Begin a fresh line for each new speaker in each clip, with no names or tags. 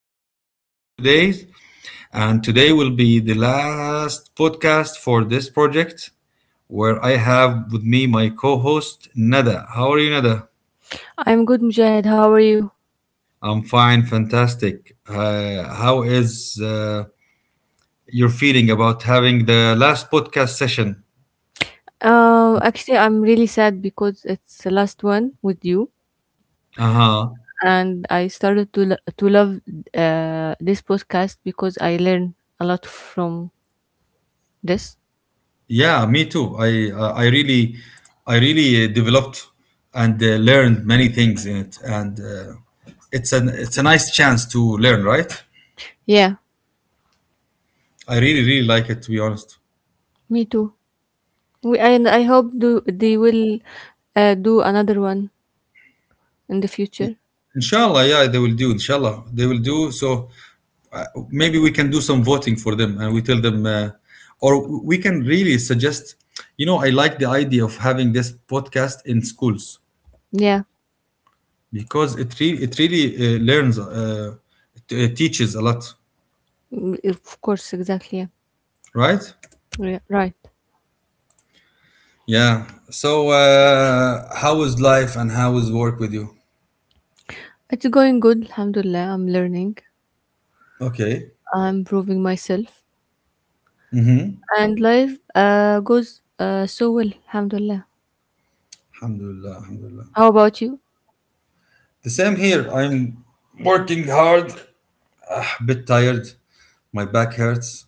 I'm the host for today. And today will be the last podcast for this project where I have with me my co host, Nada. How are you, Nada?
I'm good, Mujahid. How are you?
I'm fine, fantastic. How is your feeling about having the last podcast session?
Actually, I'm really sad because it's the last one with you,
Uh huh.
and I started to to love this podcast because I learned a lot from this.
Yeah, me too. I really developed and learned many things in it, and it's a nice chance to learn, right?
Yeah,
I really really like it to be honest.
me too. And I hope do they will do another one in the future.
Inshallah, yeah, they will do. Inshallah, they will do. So maybe we can do some voting for them, and we tell them, or we can really suggest. You know, I like the idea of having this podcast in schools
Yeah,
because it really teaches a lot,
mm, of course, exactly. Yeah,
right?
yeah right.
Yeah. So, how is life and how is work with you?
It's going good, alhamdulillah. I'm learning.
Okay.
I'm improving myself,
Mm-hmm.
and life goes so well, alhamdulillah.
Alhamdulillah. Alhamdulillah.
How about you?
The same here. I'm working hard, bit tired. My back hurts,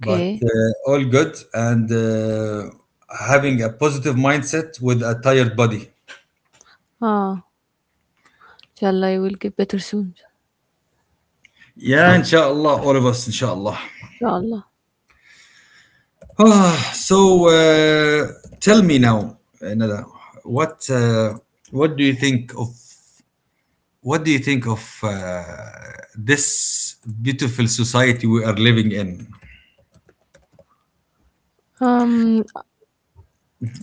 but all good and having a positive mindset with a tired body.
Ah, inshallah, you will get better soon.
Yeah, inshallah, all of us, inshallah.
Inshallah.
So, tell me now, Nada, what uh, what do you think of What do you think of this beautiful society we are living in?
Um.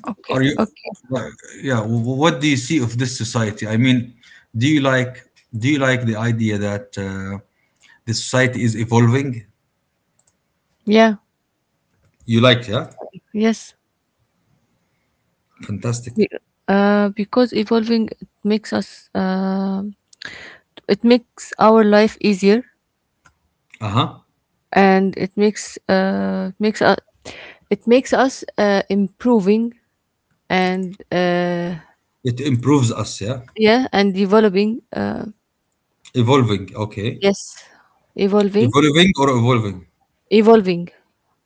Okay.
Are you,
Okay.
yeah? What do you see of this society? I mean, do you like do you like the idea that the society is evolving?
Yeah.
You like, yeah?
Yes. Be-
Fantastic.
because evolving makes us. It makes our life easier,
Uh huh.
and it makes makes us it makes us improving and uh
It improves us, yeah.
yeah and developing.
Evolving, okay.
Yes, evolving,
Evolving or evolving?
evolving,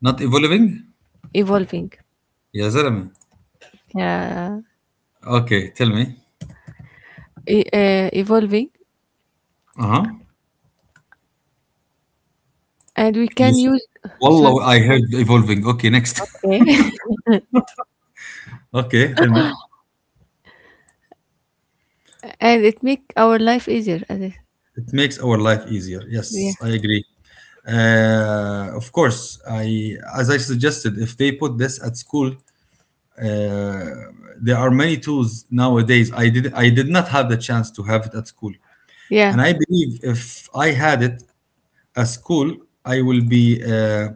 Not evolving.
Evolving.
يا زلمة.
Yeah.
Okay, tell me.
Evolving,
Uh huh.
and we
You.
can use sorry.
والله I heard evolving. Okay, next.
Okay.
Okay, tell me.
And it make our life easier as I,
It makes our life easier.
yeah,
Yes, I agree. Of course, I as I suggested, if they put this at school, uh, there are many tools nowadays. I did not have the chance to have it at school,
yeah,
and I believe if I had it at school, I will be. Uh,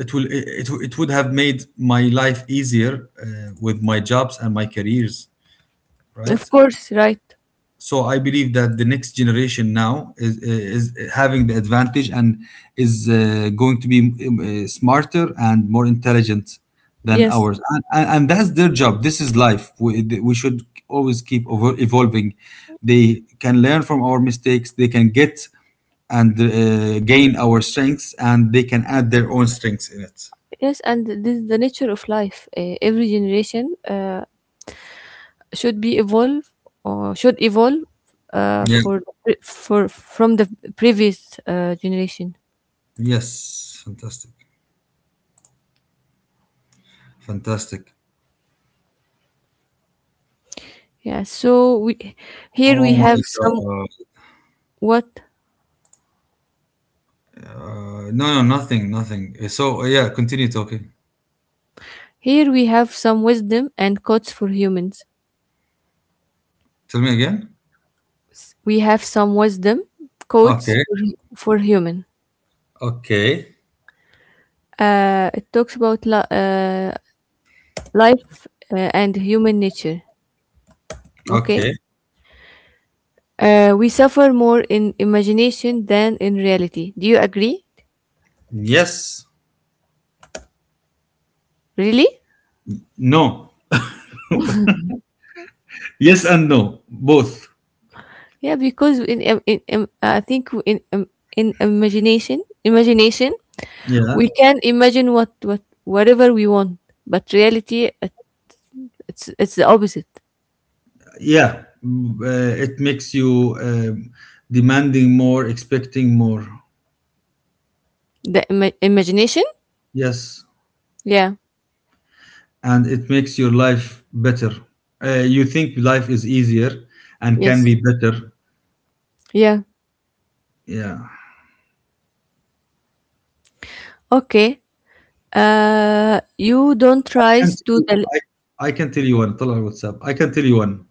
it will it, it would have made my life easier with my jobs and my careers, right?
of course, right,
So I believe that the next generation now is, is having the advantage and is going to be smarter and more intelligent than
yes.
ours, and that's their job. This is life. We should always keep evolving. They can learn from our mistakes. They can get and gain our strengths, and they can add their own strengths in it.
Yes, and this is the nature of life, every generation should be evolve should evolve
Yeah.
for from the previous generation.
Yes. Fantastic. Fantastic.
Yeah so we here
Oh
we have
my
some.
god.
What?
No, no, nothing, nothing. So, yeah, continue talking.
Here we have some wisdom and quotes for humans.
Tell me again.
We have some wisdom quotes
Okay,
for human.
okay,
It talks about life and human nature. Okay.
okay.
We suffer more in imagination than in reality. Do you agree?
Yes,
Really?
no. Yes and no, both.
Yeah, because in I think in imagination,
Yeah,
we can imagine whatever we want, but reality, it's the opposite.
yeah. It makes you demanding more, expecting more.
The imagination.
Yes,
Yeah.
and it makes your life better. You think life is easier and can be
Yes.
better.
Yeah.
Yeah.
Okay. You don't
I can
rise
tell
to
you,
the.
I can tell you one. طلع على WhatsApp. I can tell you one.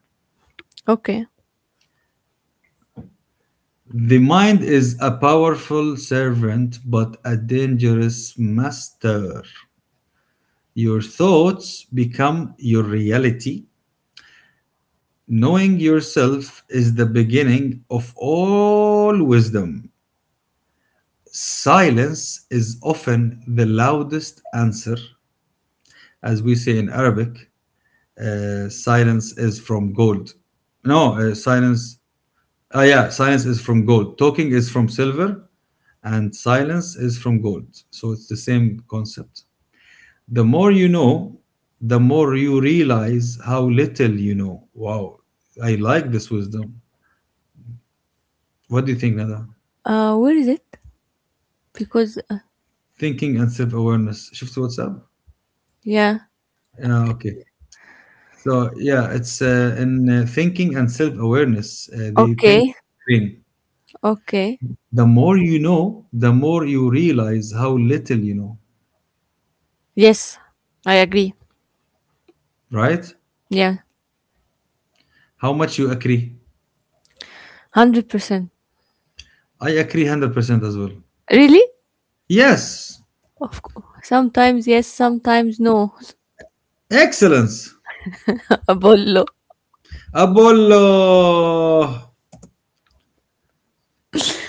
Okay.
The mind is a powerful servant, but a dangerous master. Your thoughts become your reality. Knowing yourself is the beginning of all wisdom. Silence is often the loudest answer. As we say in Arabic, silence is from gold. No, silence yeah, silence is from gold. Talking is from silver, and silence is from gold. So it's the same concept. The more you know, the more you realize how little you know. Wow, I like this wisdom. What do you think, Nada?
Where is it? Because
Thinking and self awareness. شفت WhatsApp?
yeah,
Yeah, okay. So yeah, it's in thinking and self awareness. The pink
okay,
green.
okay.
The more you know, the more you realize how little you know.
Yes, I agree.
Right?
Yeah,
How much you agree?
100%.
I agree 100% as well.
Really?
Yes,
Of course. Sometimes yes, sometimes no.
excellence.
Apollo.
Apollo.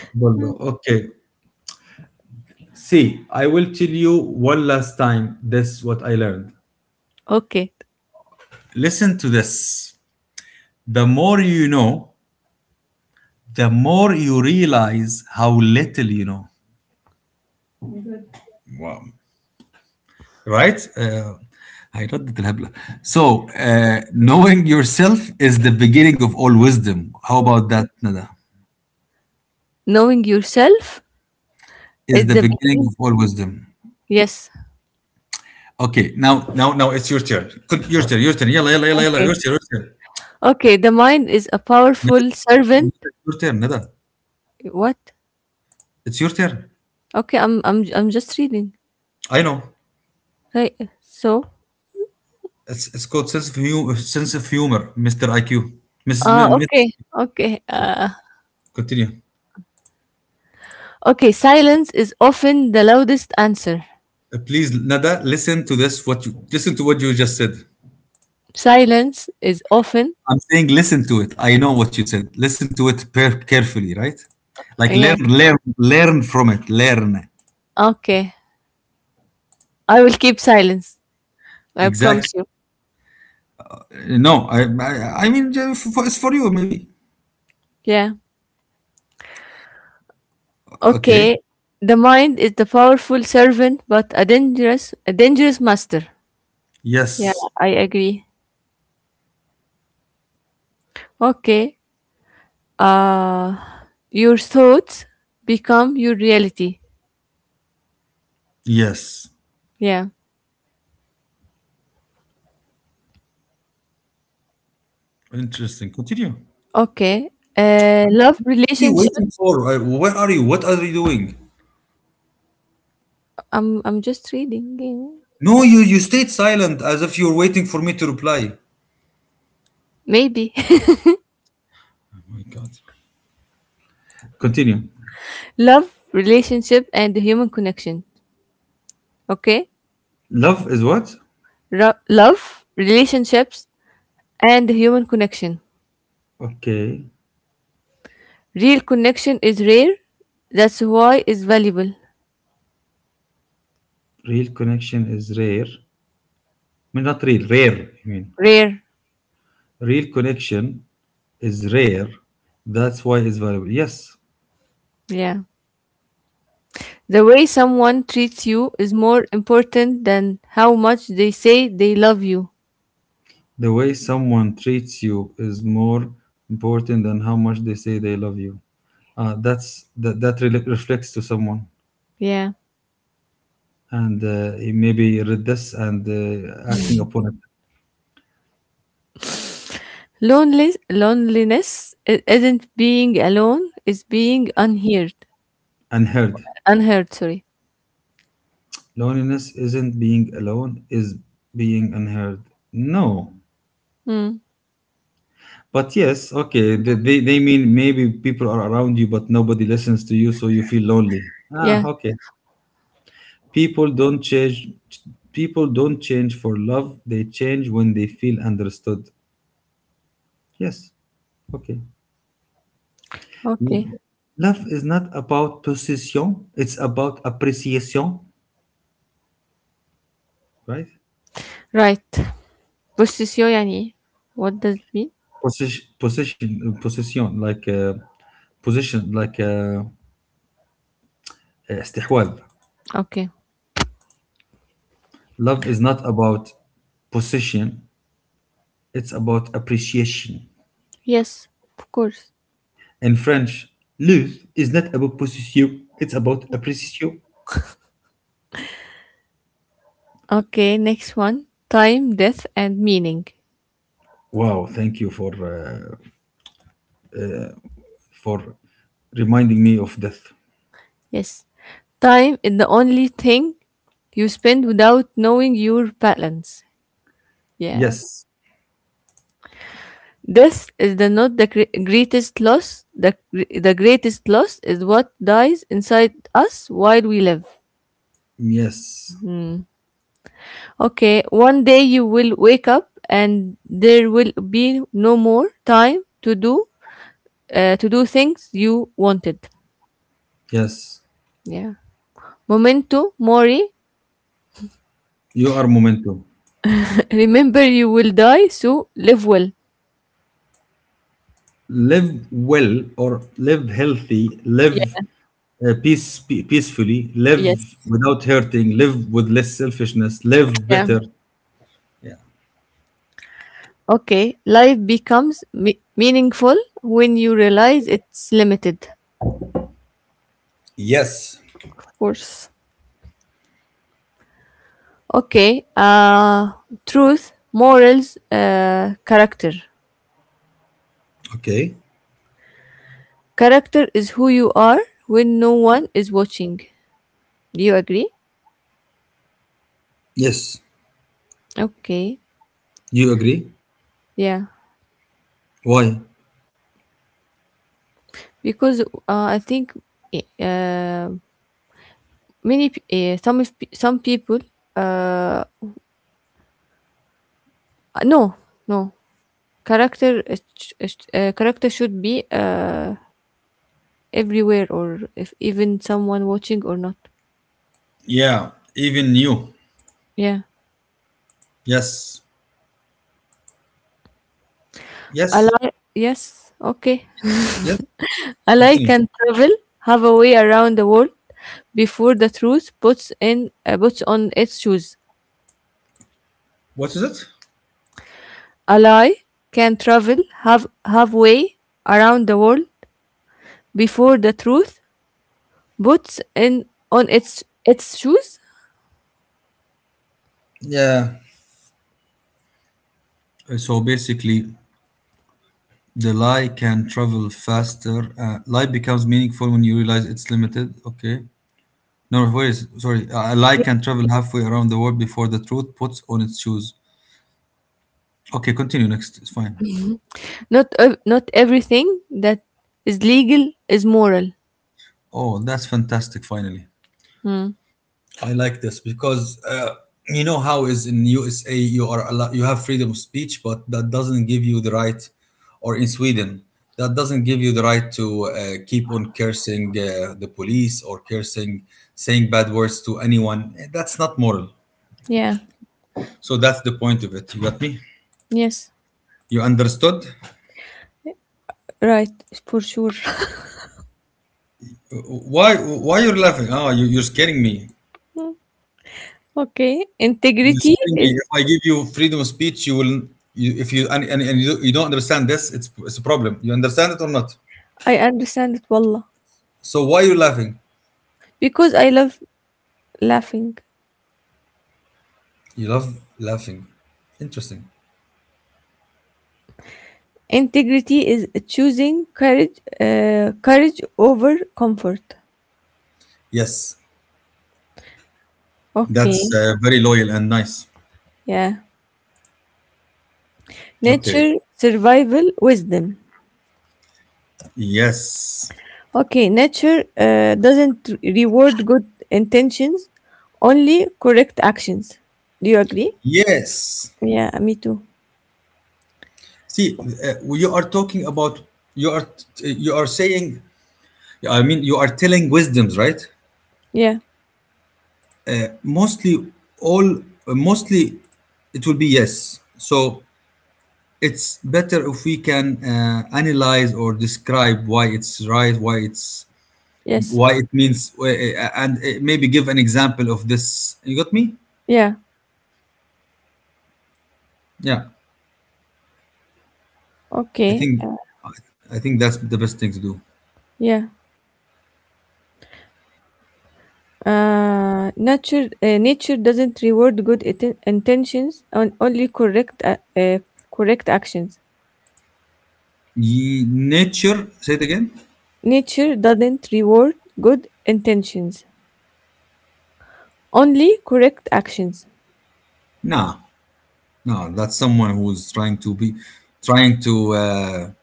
Apollo. Okay. See, I will tell you one last time this what I learned.
Okay.
Listen to this. The more you know, the more you realize how little you know. Wow. Right? I read the الهبلة. So, knowing yourself is the beginning of all wisdom. How about that, Nada?
Knowing yourself
Is
is
the
the
beginning
beginning.
of all wisdom.
Yes.
Okay, now it's your turn. Your turn, your turn. Yalla, yalla, yalla, yalla.
Okay.
Your turn, your turn.
Okay. The mind is a
Neda,
powerful
it's
servant.
your turn, Nada.
What?
It's your turn.
Okay. I'm just reading.
I know.
Right. So.
It's called sense of humor, Mr. IQ. Mrs.
Ah, okay.
Miss-
Okay.
Continue.
Okay. Silence is often the loudest answer.
Please, Nada. Listen to this. What you listen to what you just said.
Silence is often,
I'm saying listen to it. I know what you said. Listen to it carefully, right? Like learn,
yeah.
learn, learn from it. Learn.
Okay. I will keep silence. I
Exactly.
promise you.
No, I, I mean, for, it's for you maybe.
Yeah.
Okay.
Okay. The mind is the powerful servant but a dangerous master. Yeah,
Yes.
I agree. Okay. Uh your thoughts become your reality.
Yes.
Yeah.
Interesting. Continue. What
Okay. Love
are you
relationship.
waiting for? Where are you? What are you doing?
I'm just reading.
No, you stayed silent as if you were waiting for me to reply.
Maybe.
Oh my God. Continue.
Love relationship and the human connection. Okay?
Love is what?
Love, relationships, and human connection.
Okay.
Real connection is rare. That's why it's valuable.
Real connection is rare. I mean, not real, rare. I mean,
Rare.
real connection is rare. That's why it's valuable. Yes.
Yeah. The way someone treats you is more important than how much they say they love you.
The way someone treats you is more important than how much they say they love you. That's reflects to someone.
Yeah.
And he maybe read this and acting upon it.
Loneliness isn't being alone, it's being unheard.
Unheard.
Unheard, sorry.
Loneliness isn't being alone, is being unheard. No,
Hmm.
but yes, okay, they mean maybe people are around you, but nobody listens to you, so you feel lonely. Ah,
Yeah.
okay. People don't change. People don't change for love. They change when they feel understood. Yes. Okay.
Okay.
L- Love is not about possession, it's about appreciation, right?
Right. Possession يعني, what does it mean?
Position, position, possession, like position, like استحواذ.
Okay.
Love is not about possession, it's about appreciation.
Yes, of course.
In French, love is not about possession, it's about appreciation.
Okay, next one. Time, death, and meaning.
Wow, thank you for reminding me of death.
Yes. Time is the only thing you spend without knowing your balance. Yeah.
Yes,
Death is the not the greatest loss. The greatest loss is what dies inside us while we live.
yes,
Okay, one day you will wake up and there will be no more time to do things you wanted.
yes.
Yeah. Memento mori.
You are momentum.
Remember, you will die, so live well.
Live well or live healthy, live
Yeah,
peacefully, live
yes.
without hurting, live with less selfishness, live
Yeah.
better. Yeah.
Okay, life becomes meaningful when you realize it's limited.
Yes.
Of course. Okay, truth, morals, character.
Okay.
Character is who you are when no one is watching. Do you agree?
Yes.
Okay,
You agree?
yeah.
Why?
Because I think eh, many pe- some of pe- some people uh, no no character character should be everywhere, or if even someone watching or not.
Yeah. Even you.
Yeah.
Yes.
I
Yes.
like. Yes. Okay.
Yes.
I like
Continue.
can travel, have a way around the world before the truth puts on its shoes.
What is it?
A lie can travel have halfway around the world before the truth puts in on its shoes.
Yeah. So basically, the lie can travel faster. Lie becomes meaningful when you realize it's limited. Okay. No, where is sorry. A lie can travel halfway around the world before the truth puts on its shoes. Okay, continue next. It's fine.
Not everything that is legal is moral.
Oh, that's fantastic. Finally,
Hmm.
I like this because you know how is in USA you are you have freedom of speech, but that doesn't give you the right, or in Sweden that doesn't give you the right to keep on cursing the police or cursing, saying bad words to anyone. That's not moral.
Yeah.
So that's the point of it. You got me?
Yes.
You understood?
Right, for sure.
Why you're laughing? Ah, you're scaring me.
Mm, okay.
You're
Integrity
scaring me.
is.
If I give you freedom of speech, you will. If you and you don't understand this, it's a problem. You understand it or not?
I understand it, wallah.
So why you laughing?
Because I love laughing.
You love laughing. Interesting.
Integrity is choosing courage over comfort.
Yes, that's
Okay.
very loyal and nice.
Yeah.
Okay.
Nature, survival, wisdom.
Yes.
Okay, nature doesn't reward good intentions, only correct actions. Do you agree?
Yes.
Yeah, me too.
See, you are talking about, you are you are saying. I mean, you are telling wisdoms, right?
Yeah.
Mostly mostly it will be yes. So it's better if we can analyze or describe why it's right,
Yes.
why it means, and maybe give an example of this. You got me?
Yeah,
Yeah, I
okay,
think I think that's the best thing to do.
yeah. Nature doesn't reward good intentions on only correct correct actions.
Nature, say it again.
Nature doesn't reward good intentions only correct actions.
Nah, no, that's someone who's trying to.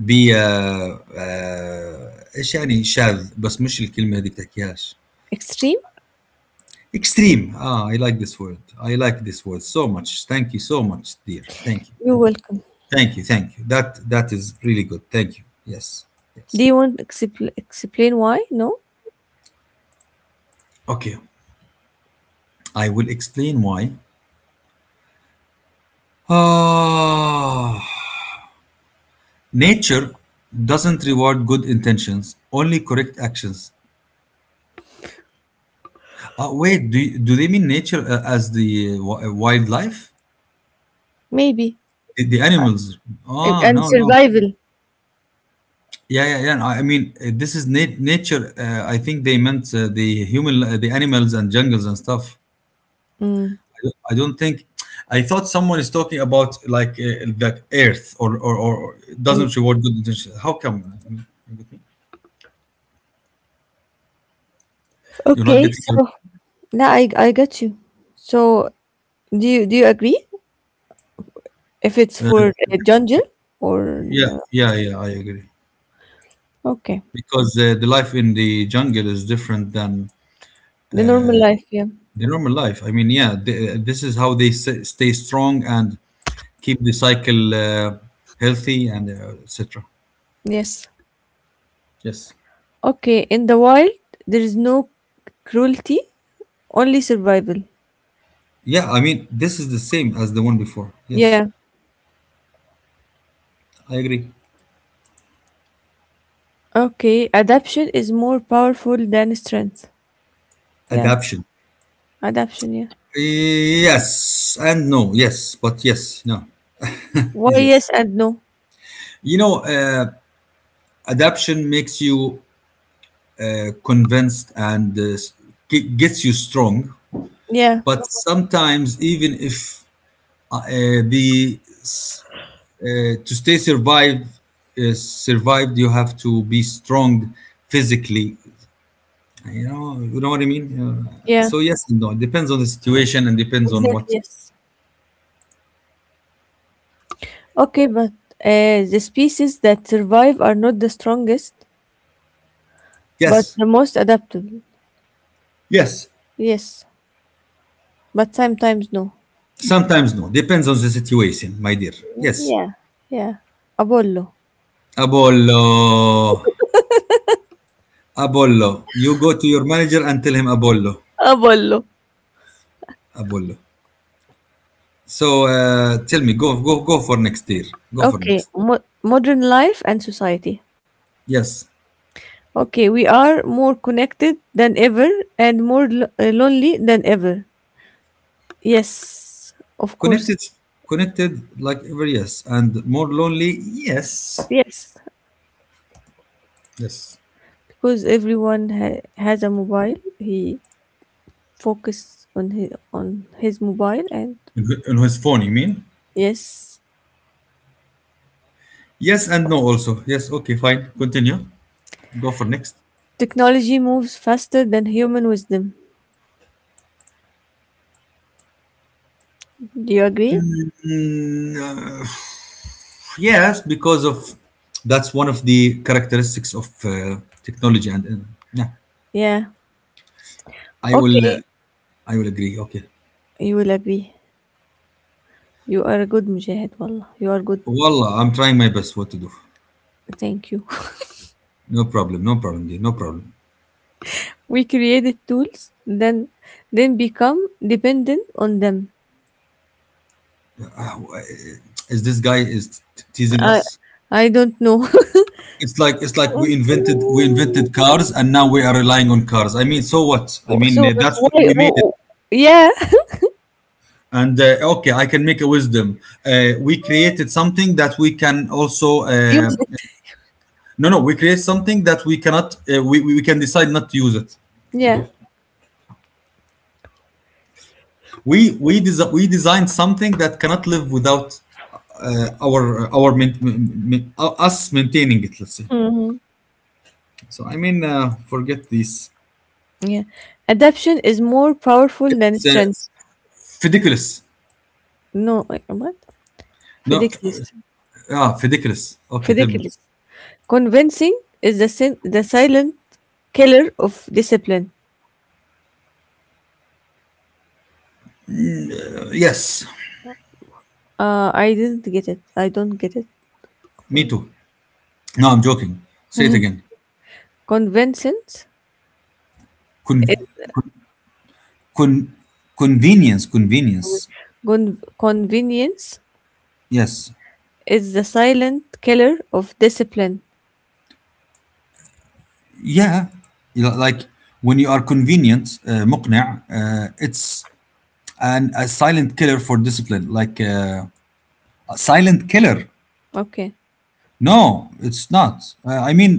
بي آه، آه، ايش يعني شاذ بس مش الكلمة هذيك تحكيهاش.
Extreme?
Extreme. Ah, I like this word. I like this word so much, thank you so much, dear. Thank you.
You're welcome.
Thank you. Thank you. That is really good. Thank you. Yes.
Do
Yes.
you want to explain why? No,
Okay. I will explain why. ah Nature doesn't reward good intentions, only correct actions. Wait, do they mean nature as the wildlife,
maybe.
the animals. Ah, no,
And
no.
survival.
Yeah, yeah, yeah. No, I mean, this is nature. I think they meant the human, the animals and jungles and stuff.
Mm.
I don't think. I thought someone is talking about like the earth or, or
And
doesn't reward good intentions. How come? You are not
okay, so
getting.
now I got you. So do you agree if it's
Uh,
for jungle or
yeah, yeah, yeah. I agree
okay?
because the life in the jungle is different than
The normal life, yeah.
the normal life. I mean, yeah, this is how they stay strong and keep the cycle healthy and etc.
Yes.
Yes.
Okay, in the wild, there is no cruelty, only survival.
Yeah, I mean, this is the same as the one before. Yes,
Yeah.
I agree.
Okay, adaption is more powerful than strength. Yeah,
Adaption.
adaption, yeah.
Yes and no. Yes, but yes, no.
Why
Yes. Yes.
yes and no?
You know, adaption makes you convinced and gets you strong.
Yeah,
But sometimes, even if uh, the s- to stay survived, survived, you have to be strong physically. You know what I mean? Uh,
yeah,
so yes and no. It depends on the situation and depends on
exactly,
what.
yes. Okay, but the species that survive are not the strongest, but
Yes,
the most adaptable.
yes.
Yes, but sometimes no.
Sometimes no. Depends on the situation, my dear. Yes.
Yeah, yeah. Apollo.
Apollo, Apollo. You go to your manager and tell him Apollo,
Apollo.
Apollo. So tell me, go for next year. Go for
Okay,
next.
modern life and society.
Yes.
Okay, we are more connected than ever and more lonely than ever. Yes, of course.
Connected, connected like ever. Yes, and more lonely. Yes.
Yes,
Yes.
because everyone has a mobile. He focus on his mobile, and
In his phone, you mean?
yes,
Yes and no also. Yes. Okay. Fine. Continue. Go for next.
technology moves faster than human wisdom. Do you agree?
Mm, uh, yes, because of that's one of the characteristics of technology, and yeah,
Yeah.
I will,
Okay,
uh, I will agree. Okay.
you will agree. You are a good mujahid, wallah. You are good.
Wallah, I'm trying my best. What to do?
Thank you.
No problem. No problem, dear. No problem.
We created tools, then become dependent on them.
Uh, Is this guy is teasing
I
us?
I don't know.
It's like we invented we invented cars, and now we are relying on cars. I mean, so what? I mean,
So that's
that's what
why.
we made it.
Oh, yeah,
And okay, I can make a wisdom. We created something that we can also
use it.
no, no, we create something that we cannot, uh, we can decide not to use it.
Yeah.
We design something that cannot live without our main, us maintaining it. Let's say.
Mhm.
So I mean, forget this.
Yeah. Adaption is more powerful than
It's,
strength.
ridiculous.
No, wait, what?
No, f-
Ridiculous.
ah, ridiculous. Okay, tell me.
Ridiculous. Convincing is the silent killer of discipline.
Yes,
I didn't get it. I don't get it.
me too. No, I'm joking. Say it again.
Convincing
Con, con, convenience, convenience.
Convenience
Yes.
is the silent killer of discipline.
Yeah. You know, like when you are convenient, مقنع, it's and a silent killer for discipline like a silent killer.
Okay.
No, it's not. I mean,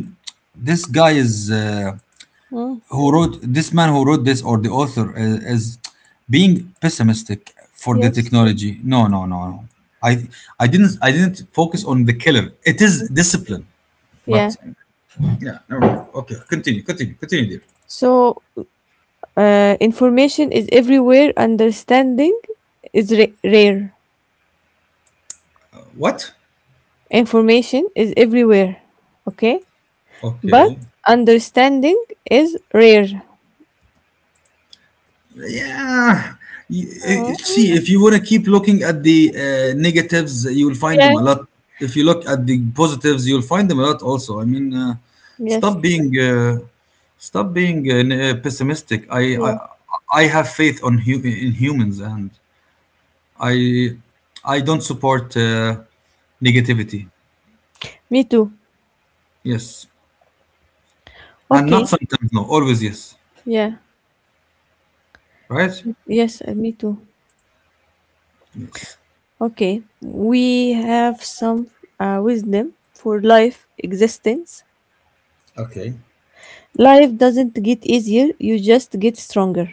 this guy is
Mm,
who wrote this, man, who wrote this? Or the author is being pessimistic for the
yes.
technology. No, no, no, no. I i didn't i didn't focus on the killer. It is discipline. But
Yeah.
yeah, no, no. Okay, continue dear.
So, information is everywhere. Understanding is rare.
What?
Information is everywhere. Okay. But
Okay.
understanding is rare.
Yeah.
Mm,
See, if you want to keep looking at the negatives, you'll find
yeah.
them a lot. If you look at the positives, you'll find them a lot also. I mean,
Yes.
stop being uh, stop being pessimistic. I
Yeah.
I have faith on in humans, and I I don't support negativity.
Me too.
Yes, and
Okay.
not sometimes. No, always yes.
Yeah.
Right?
Yes, me too.
Yes.
Okay, we have some wisdom for life existence.
Okay.
Life doesn't get easier, you just get stronger.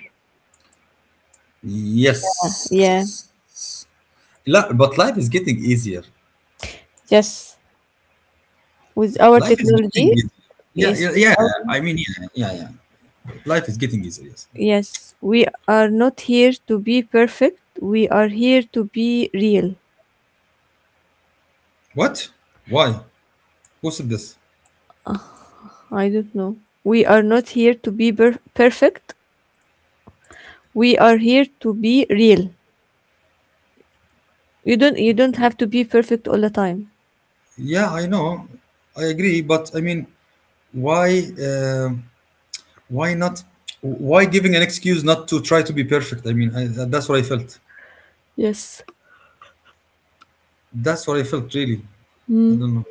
Yeah.
Yes. La but life is getting easier.
Yes. With our
Life is getting
technology,
easier. Yeah,
yes,
yeah, yeah. I mean, yeah, yeah, yeah. Life is getting easier. Yes.
yes, we are not here to be perfect. We are here to be real.
What? Why? Who said this?
I don't know. We are not here to be perfect. We are here to be real. You don't have to be perfect all the time.
Yeah, I know. I agree, but I mean, why? Why not? Why giving an excuse not to try to be perfect? I mean, that's what I felt.
Yes.
That's what I felt. Really, I
Hmm.
don't know.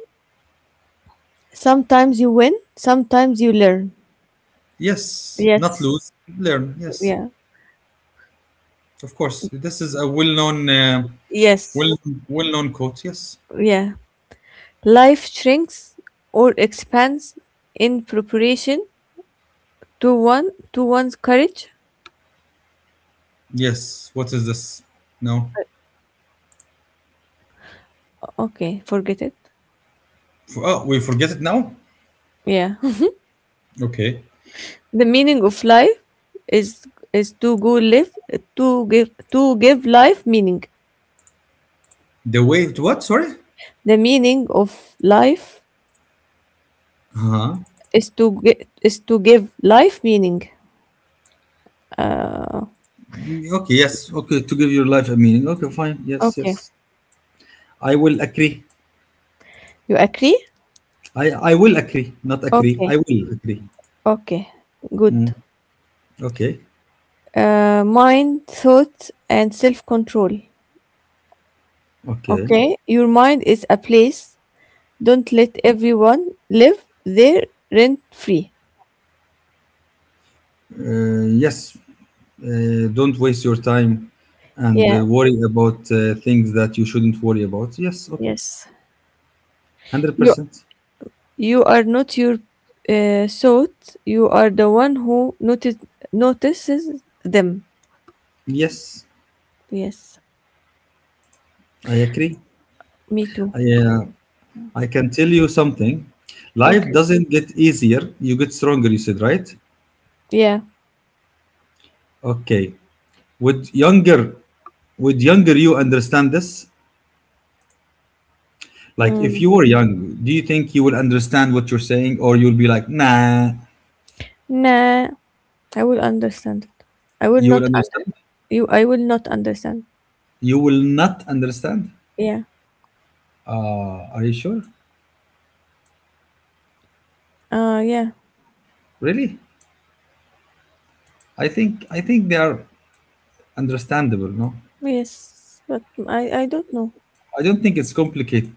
Sometimes you win, sometimes you learn.
Yes, not
Yes.
lose, learn. Yes,
Yeah.
of course. This is a well-known, well,
Yes.
well-known quote. Yes.
Yeah. Life shrinks or expands in preparation to one's courage.
Yes. What is this? No.
Okay, forget it.
Oh, we forget it now?
Yeah.
Okay.
The meaning of life is is to go live to give life meaning.
The waved what? Sorry?
The meaning of life
Uh-huh.
is is to give life meaning. Uh,
Okay, yes. Okay, to give your life a meaning. Okay, fine. Yes, yes.
okay.
I will agree.
You agree?
I will agree. Not agree.
Okay.
I will agree.
Okay. Good.
Mm. Okay.
Uh, mind, thought, and self control.
Okay.
Okay, your mind is a place. Don't let everyone live there rent free.
Yes. Don't waste your time and
Yeah,
worry about things that you shouldn't worry about. Yes, okay.
yes. You
100%.
are not your thought. You are the one who notices them.
Yes,
Yes,
I agree.
me too.
I, uh, I can tell you something. Life
Okay.
doesn't get easier, you get stronger, you said, right?
Yeah.
Okay. Would younger would younger you understand this? Like if
Mm.
you were young, do you think you will understand what you're saying or you'll be like, "Nah,
Nah, I will understand it. I will
you will
not under.
understand?"
You, I will not understand.
You will not understand?
Yeah.
Are you sure?
Yeah.
Really? I think they are understandable, no?
Yes, but I don't know.
I don't think it's complicated.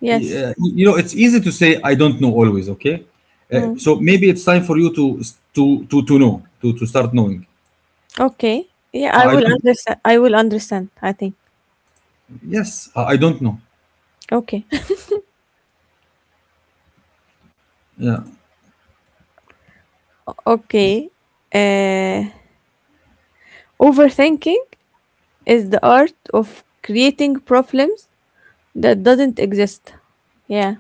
Yes.
Yeah, you know, it's easy to say I don't know always. Okay,
Mm.
so maybe it's time for you to know to start knowing.
Okay. Yeah, I
I
will
don't.
understand. I will understand, I think.
Yes, I don't know.
Okay.
Yeah,
Okay. Uh, overthinking is the art of creating problems that doesn't exist. Yeah.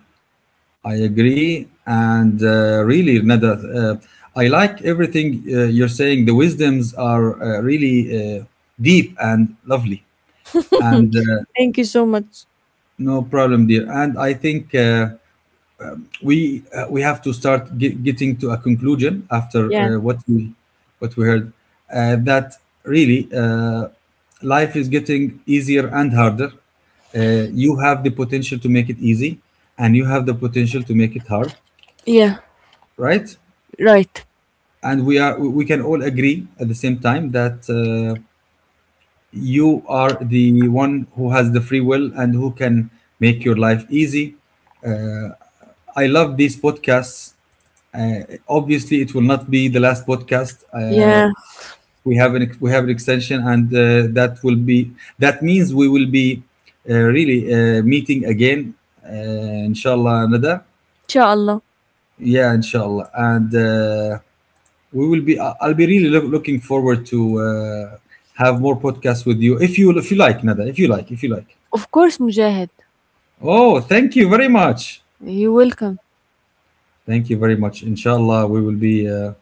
I agree. And really, Nada, uh, I like everything you're saying. The wisdoms are really deep and lovely. And
Thank you so much.
no problem, dear. And I think. We have to start getting to a conclusion after
Yeah.
what we heard that really life is getting easier and harder. You have the potential to make it easy, and you have the potential to make it hard,
Yeah.
right?
Right.
And we are we can all agree at the same time that you are the one who has the free will and who can make your life easy. Uh, I love these podcasts. Obviously, it will not be the last podcast.
Yeah.
We have an extension, and that will be that means we will be really meeting again. Inshallah, Nada.
Inshallah.
Yeah, inshallah, and. We will be I'll be really looking forward to have more podcasts with you, if you like, Nada, if you like.
Of course, Mujahid.
Oh, thank you very much.
You're welcome.
Thank you very much. Inshallah, we will be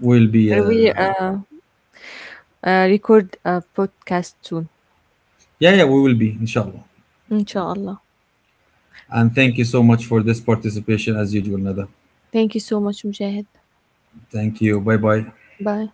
we'll be
We record a podcast soon.
yeah, we will be, inshallah.
Inshallah.
And thank you so much for this participation as usual, Nada.
Thank you so much, Mujahid.
Thank you. Bye bye.
Bye.